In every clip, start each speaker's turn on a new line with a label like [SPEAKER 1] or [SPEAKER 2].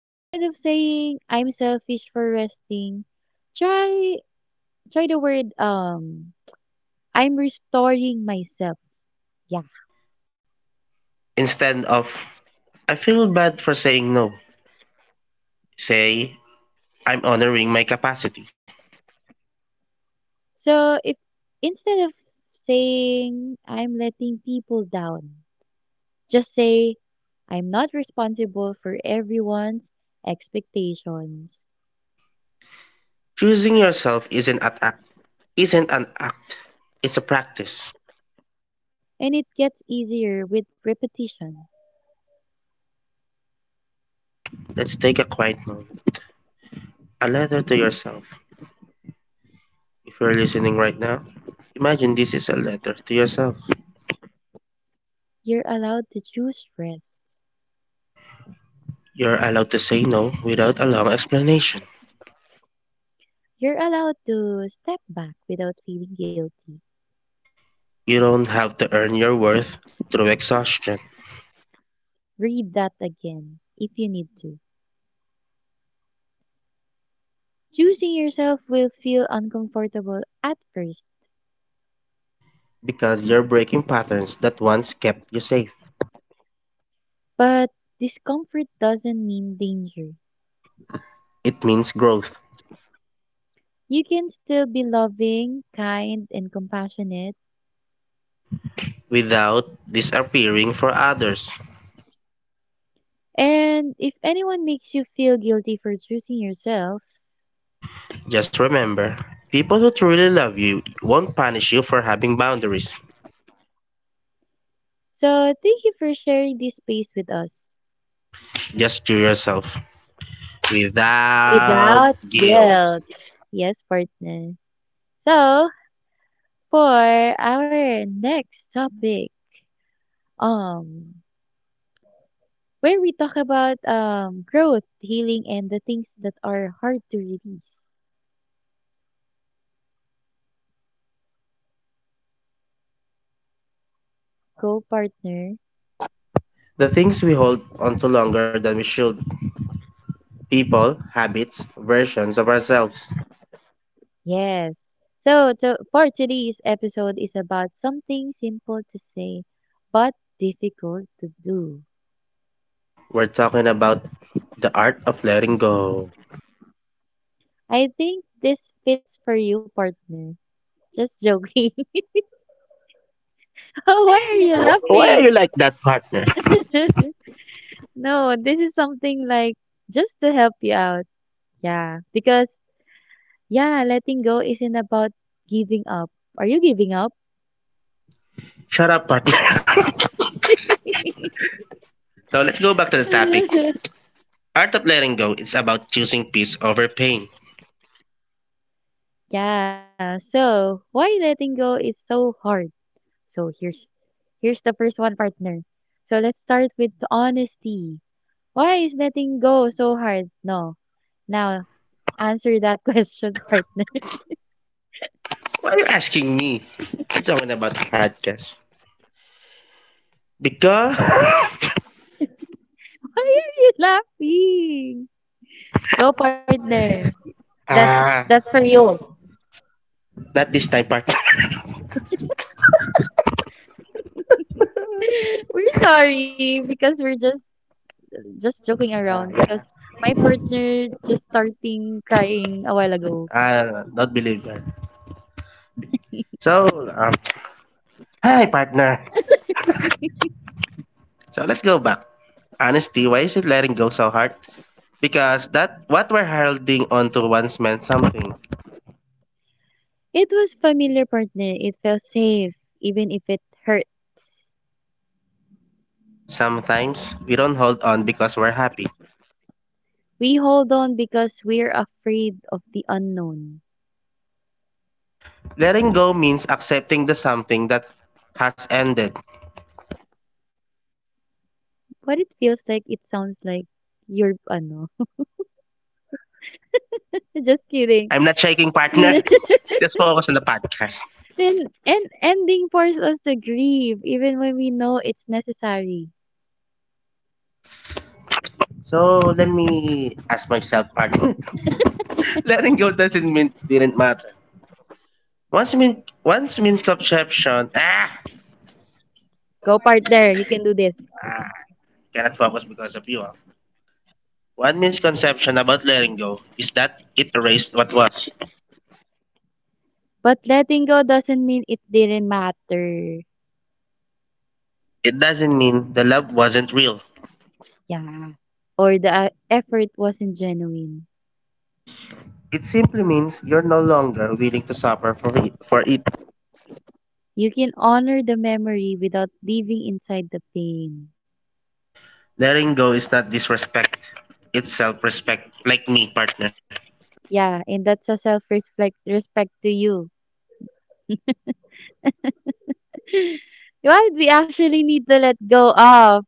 [SPEAKER 1] Instead of saying, "I'm selfish for resting," try try the word, "I'm restoring myself." Yeah.
[SPEAKER 2] Instead of, I feel bad for saying no, say, I'm honoring my capacity.
[SPEAKER 1] So if instead of saying, "I'm letting people down," just say, "I'm not responsible for everyone's expectations."
[SPEAKER 2] Choosing yourself isn't an act, it's a practice.
[SPEAKER 1] And it gets easier with repetition.
[SPEAKER 2] Let's take a quiet moment. A letter to yourself. If you're listening right now, imagine this is a letter to yourself.
[SPEAKER 1] You're allowed to choose rest.
[SPEAKER 2] You're allowed to say no without a long explanation.
[SPEAKER 1] You're allowed to step back without feeling guilty.
[SPEAKER 2] You don't have to earn your worth through exhaustion
[SPEAKER 1] Read that again if you need to. Choosing yourself will feel uncomfortable at first,
[SPEAKER 2] because you're breaking patterns that once kept you safe.
[SPEAKER 1] but discomfort doesn't mean danger.
[SPEAKER 2] It means growth,
[SPEAKER 1] You can still be loving, kind, and compassionate.
[SPEAKER 2] without disappearing for others.
[SPEAKER 1] And if anyone makes you feel guilty for choosing yourself,
[SPEAKER 2] Just remember, people who truly love you won't punish you for having boundaries.
[SPEAKER 1] so thank you for sharing this space with us.
[SPEAKER 2] Just to yourself, without guilt.
[SPEAKER 1] Yes, partner. So, for our next topic, um, where we talk about growth, healing, and the things that are hard to release. Go, partner.
[SPEAKER 2] The things we hold on to longer than we should, people, habits, versions of ourselves.
[SPEAKER 1] Yes. For today's episode is about something simple to say, but difficult to do.
[SPEAKER 2] We're talking about the art of letting go.
[SPEAKER 1] I think this fits for you, partner. Just joking. Oh, why are you
[SPEAKER 2] Why are you
[SPEAKER 1] laughing?
[SPEAKER 2] like that, partner?
[SPEAKER 1] No, this is something like just to help you out. Yeah. Because, yeah, letting go isn't about giving up. Are you giving up?
[SPEAKER 2] Shut up, partner. So let's go back to the topic. Art of letting go is about choosing peace over pain.
[SPEAKER 1] Yeah. So why letting go is so hard. So here's the first one, partner. So let's start with honesty. Why is letting go so hard? No. Now answer that question, partner.
[SPEAKER 2] Why are you asking me? I'm talking about the podcast. Because…
[SPEAKER 1] Why are you laughing? Go, partner. That's
[SPEAKER 2] ah,
[SPEAKER 1] that's for you.
[SPEAKER 2] not this time, partner.
[SPEAKER 1] We're sorry because we're just joking
[SPEAKER 2] Ah,
[SPEAKER 1] around
[SPEAKER 2] yeah.
[SPEAKER 1] because my partner just starting crying a while ago.
[SPEAKER 2] Ah, not believer. So, hi, partner. So let's go back. Honesty. Why is it letting go so hard? Because that what we're holding on to once meant something.
[SPEAKER 1] It was familiar partner. It felt safe, even if it hurts.
[SPEAKER 2] Sometimes we don't hold on because we're happy.
[SPEAKER 1] We hold on because we're afraid of the unknown.
[SPEAKER 2] Letting go means accepting the something that has ended.
[SPEAKER 1] What it feels like, it sounds like you're ano. Just kidding.
[SPEAKER 2] I'm not shaking, partner.
[SPEAKER 1] and
[SPEAKER 2] Just focus on the podcast.
[SPEAKER 1] and ending forces us to grieve, even when we know it's necessary.
[SPEAKER 2] So let me ask myself, pardon. Letting go doesn't mean didn't matter. Once mean once misconception
[SPEAKER 1] Go partner, you can do this.
[SPEAKER 2] ah cannot focus because of you. Ah. One misconception about letting go is that it erased what was.
[SPEAKER 1] But letting go doesn't mean it didn't matter.
[SPEAKER 2] It doesn't mean the love wasn't real.
[SPEAKER 1] Yeah. Or the effort wasn't genuine.
[SPEAKER 2] It simply means you're no longer willing to suffer for it.
[SPEAKER 1] You can honor the memory without living inside the pain.
[SPEAKER 2] Letting go is not disrespect. It's self-respect, like me, partner.
[SPEAKER 1] Yeah, and that's a self-respect respect to you. Why we actually need to let go of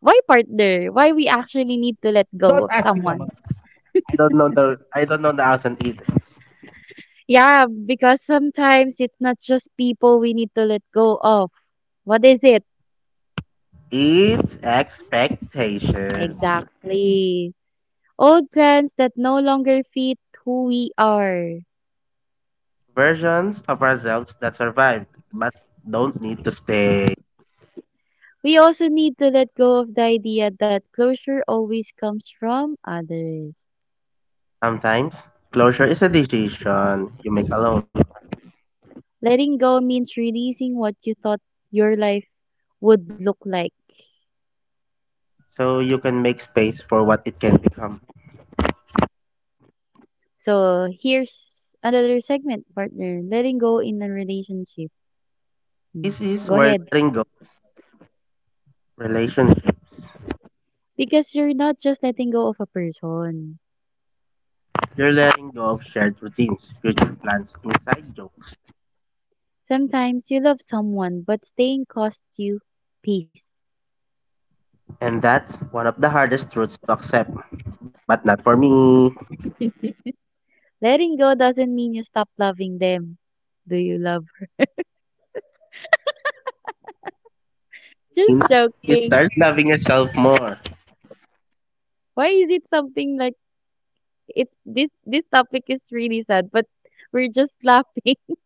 [SPEAKER 1] why partner? Why we actually need to let go of someone?
[SPEAKER 2] I don't know the answer either.
[SPEAKER 1] Yeah, because sometimes it's not just people we need to let go of. What is it?
[SPEAKER 2] It's expectation.
[SPEAKER 1] Exactly. Old plans that no longer fit who we are.
[SPEAKER 2] Versions of ourselves that survive but don't need to stay.
[SPEAKER 1] We also need to let go of the idea that closure always comes from others.
[SPEAKER 2] Sometimes, closure is a decision you make alone,
[SPEAKER 1] Letting go means releasing what you thought your life would look like.
[SPEAKER 2] so you can make space for what it can become.
[SPEAKER 1] So here's another segment, partner. Letting go in a relationship. Hmm.
[SPEAKER 2] This is
[SPEAKER 1] Go
[SPEAKER 2] where
[SPEAKER 1] ahead.
[SPEAKER 2] letting go of relationships.
[SPEAKER 1] Because you're not just letting go of a person.
[SPEAKER 2] You're letting go of shared routines, future plans, inside jokes.
[SPEAKER 1] Sometimes you love someone, but staying costs you peace.
[SPEAKER 2] And that's one of the hardest truths to accept. But not for me.
[SPEAKER 1] Letting go doesn't mean you stop loving them. Do you love?
[SPEAKER 2] Means
[SPEAKER 1] Just
[SPEAKER 2] you
[SPEAKER 1] joking.
[SPEAKER 2] start loving yourself more.
[SPEAKER 1] Why is it something like it's this topic is really sad, but we're just laughing.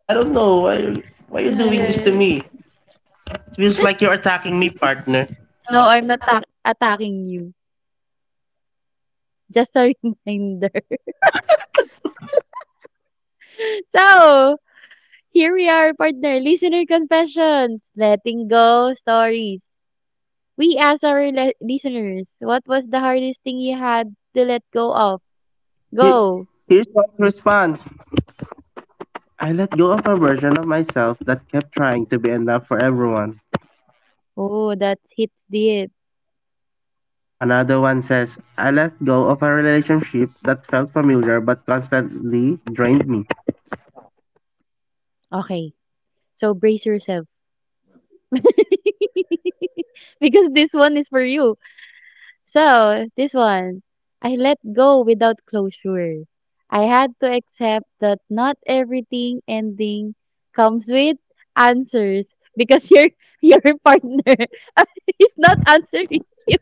[SPEAKER 2] I don't know why are you
[SPEAKER 1] Yeah,
[SPEAKER 2] doing this
[SPEAKER 1] yeah.
[SPEAKER 2] to me. It feels like you're attacking me, partner.
[SPEAKER 1] No, I'm not attacking you. Just a reminder. So here we are, partner listener confessions, letting go stories. We asked our listeners, what was the hardest thing you had to let go of?
[SPEAKER 2] He-
[SPEAKER 1] Go.
[SPEAKER 2] Here's my response. I let go of a version of myself that kept trying to be enough for everyone.
[SPEAKER 1] Oh, that hits deep.
[SPEAKER 2] Another one says, I let go of a relationship that felt familiar but constantly drained me.
[SPEAKER 1] Okay, so brace yourself because this one is for you. So, this one, I let go without closure. I had to accept that not everything ending comes with answers because your your partner is not answering you.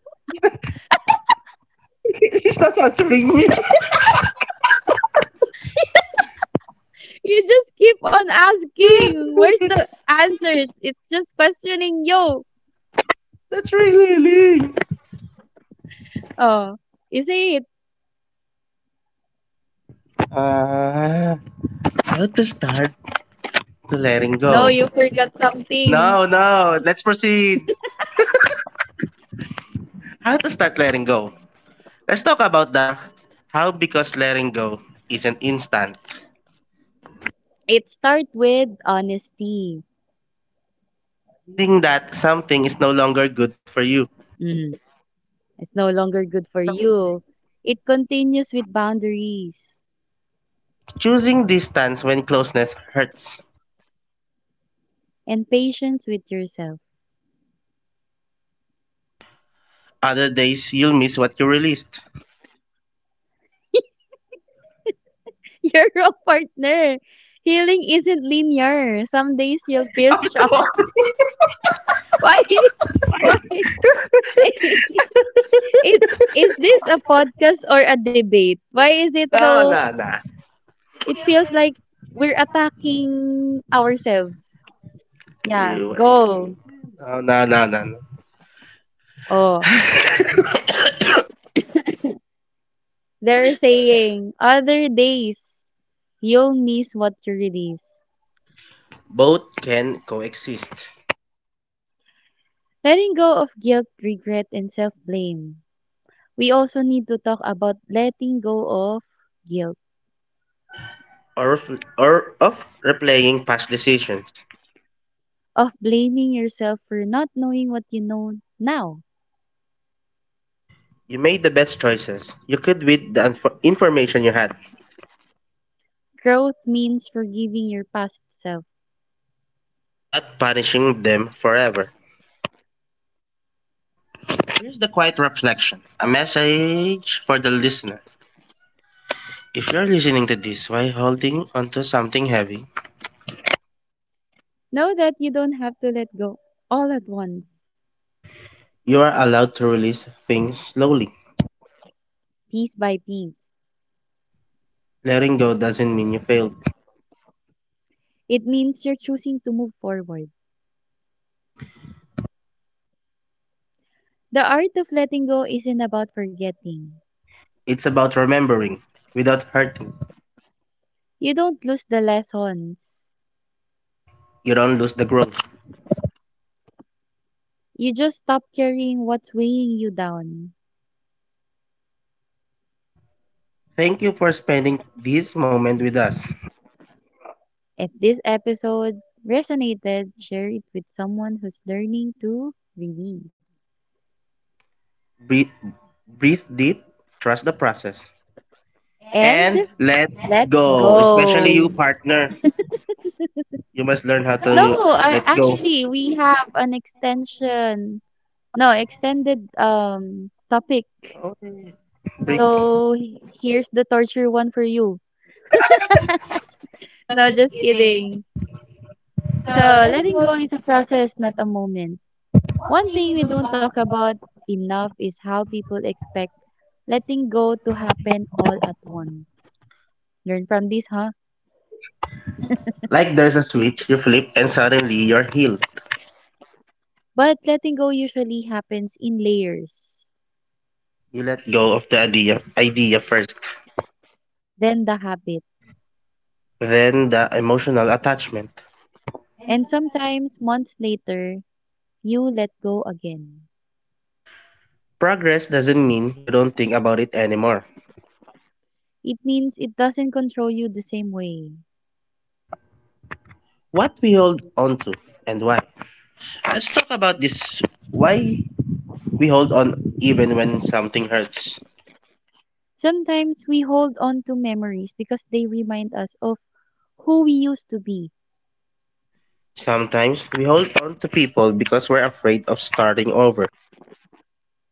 [SPEAKER 1] You just keep on asking, where's the answers? It's just questioning you.
[SPEAKER 2] That's really Lee.
[SPEAKER 1] Oh, is it?
[SPEAKER 2] Uh, how to start to letting
[SPEAKER 1] No,
[SPEAKER 2] go?
[SPEAKER 1] you forgot something.
[SPEAKER 2] No, no. Let's proceed. How to start letting go? Let's talk about the how, because letting go isn't instant.
[SPEAKER 1] It starts with honesty.
[SPEAKER 2] Admitting that something is no longer good for you.
[SPEAKER 1] Mm-hmm. It's no longer good for you. It continues with boundaries
[SPEAKER 2] Choosing distance when closeness hurts.
[SPEAKER 1] and patience with yourself.
[SPEAKER 2] Other days, you'll miss what you released.
[SPEAKER 1] You're wrong, partner. Healing isn't linear. Some days you'll feel strong. Why? Why? It is this a podcast or a debate? Why is it
[SPEAKER 2] No,
[SPEAKER 1] so?
[SPEAKER 2] no, no.
[SPEAKER 1] It feels like we're attacking ourselves. Yeah,
[SPEAKER 2] You-
[SPEAKER 1] go.
[SPEAKER 2] No, no, no, no. no.
[SPEAKER 1] Oh, they're saying other days you'll miss what you release.
[SPEAKER 2] Both can coexist,
[SPEAKER 1] Letting go of guilt, regret, and self blame. We also need to talk about letting go of guilt,
[SPEAKER 2] or of, or of replaying past decisions.
[SPEAKER 1] of blaming yourself for not knowing what you know now.
[SPEAKER 2] You made the best choices you could with the information you had,
[SPEAKER 1] Growth means forgiving your past self.
[SPEAKER 2] not punishing them forever. Here's the quiet reflection, a message for the listener. If you're listening to this while holding onto something heavy,
[SPEAKER 1] Know that you don't have to let go all at once,
[SPEAKER 2] you are allowed to release things slowly.
[SPEAKER 1] piece by piece.
[SPEAKER 2] Letting go doesn't mean you failed.
[SPEAKER 1] It means you're choosing to move forward. The art of letting go isn't about forgetting.
[SPEAKER 2] It's about remembering without hurting.
[SPEAKER 1] You don't lose the lessons.
[SPEAKER 2] You don't lose the growth.
[SPEAKER 1] You just stop carrying what's weighing you down.
[SPEAKER 2] Thank you for spending this moment with us.
[SPEAKER 1] If this episode resonated, share it with someone who's learning to release.
[SPEAKER 2] Breathe, breathe deep, trust the process, and
[SPEAKER 1] And
[SPEAKER 2] let
[SPEAKER 1] let
[SPEAKER 2] go. Especially you,
[SPEAKER 1] go.
[SPEAKER 2] partner. You must learn how
[SPEAKER 1] No,
[SPEAKER 2] to
[SPEAKER 1] I,
[SPEAKER 2] let go.
[SPEAKER 1] actually, we have an extension. No, extended topic.
[SPEAKER 2] Okay. Break.
[SPEAKER 1] So here's the torture one for you. No, just kidding. So letting go is a process, not a moment. One thing we don't talk about enough is how people expect letting go to happen all at once. Learn from this, huh?
[SPEAKER 2] Like there's a switch, you flip, and suddenly you're healed.
[SPEAKER 1] But letting go usually happens in layers,
[SPEAKER 2] You let go of the idea first,
[SPEAKER 1] then the habit.
[SPEAKER 2] then the emotional attachment.
[SPEAKER 1] And sometimes months later, you let go again.
[SPEAKER 2] Progress doesn't mean you don't think about it anymore.
[SPEAKER 1] It means it doesn't control you the same way.
[SPEAKER 2] What we hold on to and why. Let's talk about this, why we hold on even when something hurts.
[SPEAKER 1] Sometimes we hold on to memories because they remind us of who we used to be.
[SPEAKER 2] Sometimes we hold on to people because we're afraid of starting over.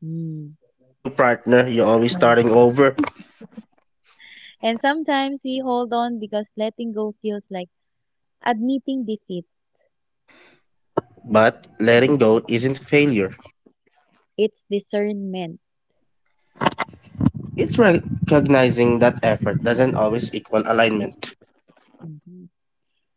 [SPEAKER 1] Mm.
[SPEAKER 2] Just like your partner, you're always starting
[SPEAKER 1] Mm.
[SPEAKER 2] over,
[SPEAKER 1] And sometimes we hold on because letting go feels like admitting defeat.
[SPEAKER 2] but letting go isn't failure.
[SPEAKER 1] It's discernment.
[SPEAKER 2] It's recognizing that effort doesn't always equal alignment.
[SPEAKER 1] Hmm.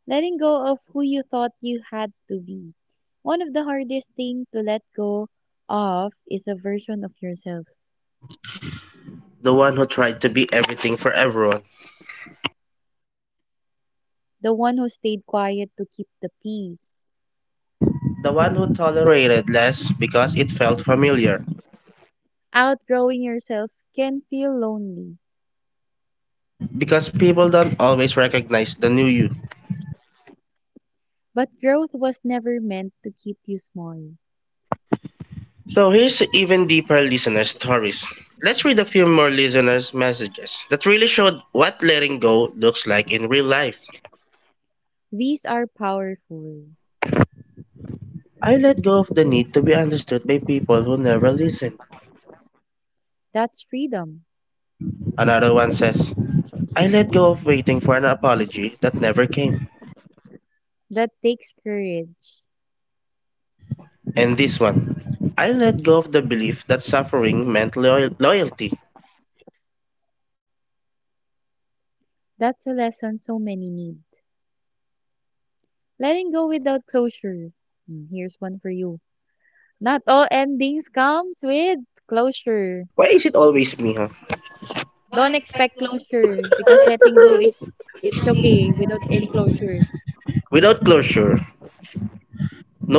[SPEAKER 1] Letting go of who you thought you had to be. One of the hardest things to let go of is a version of yourself,
[SPEAKER 2] The one who tried to be everything for everyone.
[SPEAKER 1] the one who stayed quiet to keep the peace.
[SPEAKER 2] The one who tolerated less because it felt familiar,
[SPEAKER 1] Outgrowing yourself can feel lonely,
[SPEAKER 2] because people don't always recognize the new you.
[SPEAKER 1] but growth was never meant to keep you small.
[SPEAKER 2] So here's even deeper listener stories. Let's read a few more listeners' messages that really showed what letting go looks like in real life.
[SPEAKER 1] These are powerful.
[SPEAKER 2] I let go of the need to be understood by people who never listen.
[SPEAKER 1] That's freedom.
[SPEAKER 2] Another one says, I let go of waiting for an apology that never came.
[SPEAKER 1] That takes courage.
[SPEAKER 2] And this one, I let go of the belief that suffering meant loyalty.
[SPEAKER 1] That's a lesson so many need. Letting go without closure. Hmm, here's one for you. Not all endings comes with closure.
[SPEAKER 2] Why is it always me, huh?
[SPEAKER 1] Don't expect closure because letting go is it's okay without any closure.
[SPEAKER 2] Without closure,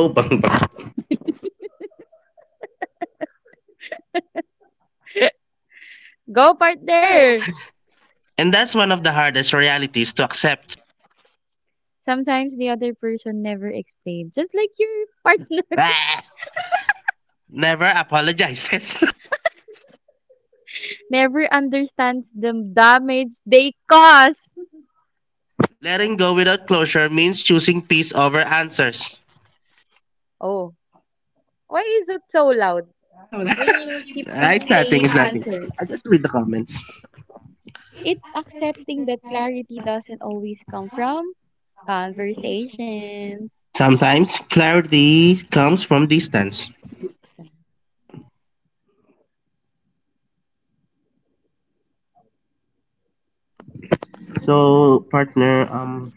[SPEAKER 2] no bang bang.
[SPEAKER 1] Go partner.
[SPEAKER 2] And that's one of the hardest realities to accept.
[SPEAKER 1] Sometimes the other person never explains, just like your partner
[SPEAKER 2] Ah, Never apologizes.
[SPEAKER 1] never understands the damage they cause.
[SPEAKER 2] Letting go without closure means choosing peace over answers.
[SPEAKER 1] Oh, why is it so loud
[SPEAKER 2] Wala.
[SPEAKER 1] when you keep
[SPEAKER 2] Ah, it's
[SPEAKER 1] on
[SPEAKER 2] nothing, it's
[SPEAKER 1] saying
[SPEAKER 2] nothing.
[SPEAKER 1] answers?
[SPEAKER 2] I just read the comments.
[SPEAKER 1] It's accepting that clarity doesn't always come from conversations.
[SPEAKER 2] Sometimes clarity comes from distance. So, partner,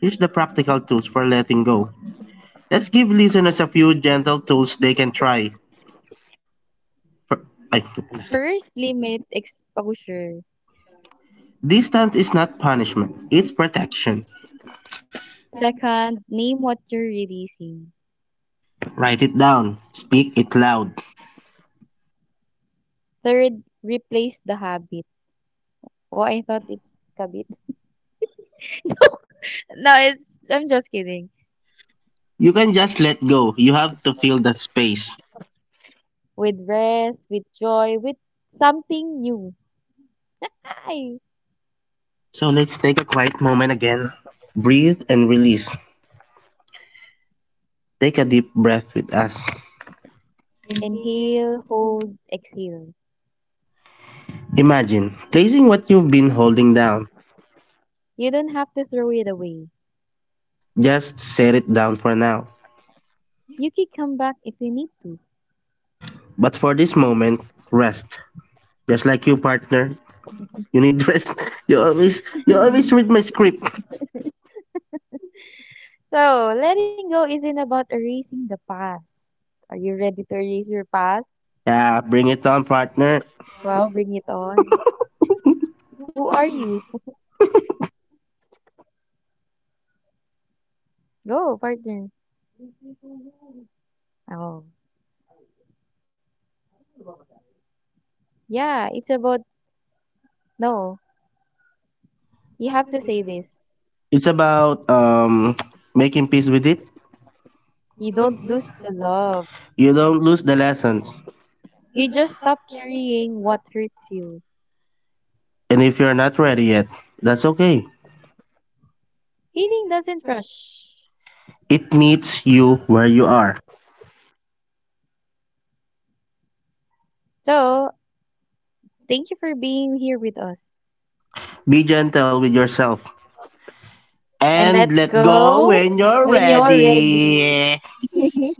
[SPEAKER 2] here's the practical tools for letting go. Let's give listeners a few gentle tools they can try. For, ay,
[SPEAKER 1] First, limit exposure.
[SPEAKER 2] Distance is not punishment, it's protection.
[SPEAKER 1] Second, name what you're releasing.
[SPEAKER 2] Write it down. Speak it loud.
[SPEAKER 1] Third, replace the habit. Oh, I thought it's kabit. No, it's I'm just kidding.
[SPEAKER 2] You can just let go. You have to fill the space.
[SPEAKER 1] With rest, with joy, with something new. Hi.
[SPEAKER 2] So let's take a quiet moment again. Breathe and release. Take a deep breath with us.
[SPEAKER 1] Inhale, hold, exhale.
[SPEAKER 2] Imagine placing what you've been holding down.
[SPEAKER 1] You don't have to throw it away.
[SPEAKER 2] Just set it down for now.
[SPEAKER 1] You can come back if you need to.
[SPEAKER 2] But for this moment, rest. Just like you, partner. You need rest. You always read my script.
[SPEAKER 1] So, letting go isn't about erasing the past. Are you ready to erase your past?
[SPEAKER 2] Yeah, bring it on, partner.
[SPEAKER 1] Well, bring it on. Who are you? Go, partner. Oh. Yeah, it's about no, you have to say this.
[SPEAKER 2] It's about making peace with it.
[SPEAKER 1] You don't lose the love.
[SPEAKER 2] You don't lose the lessons.
[SPEAKER 1] You just stop carrying what hurts you.
[SPEAKER 2] And if you're not ready yet, that's okay.
[SPEAKER 1] Healing doesn't rush.
[SPEAKER 2] It meets you where you are.
[SPEAKER 1] So, thank you for being here with us.
[SPEAKER 2] Be gentle with yourself
[SPEAKER 1] And
[SPEAKER 2] and
[SPEAKER 1] let
[SPEAKER 2] let go
[SPEAKER 1] go
[SPEAKER 2] when you're
[SPEAKER 1] when you're ready.
[SPEAKER 2] ready.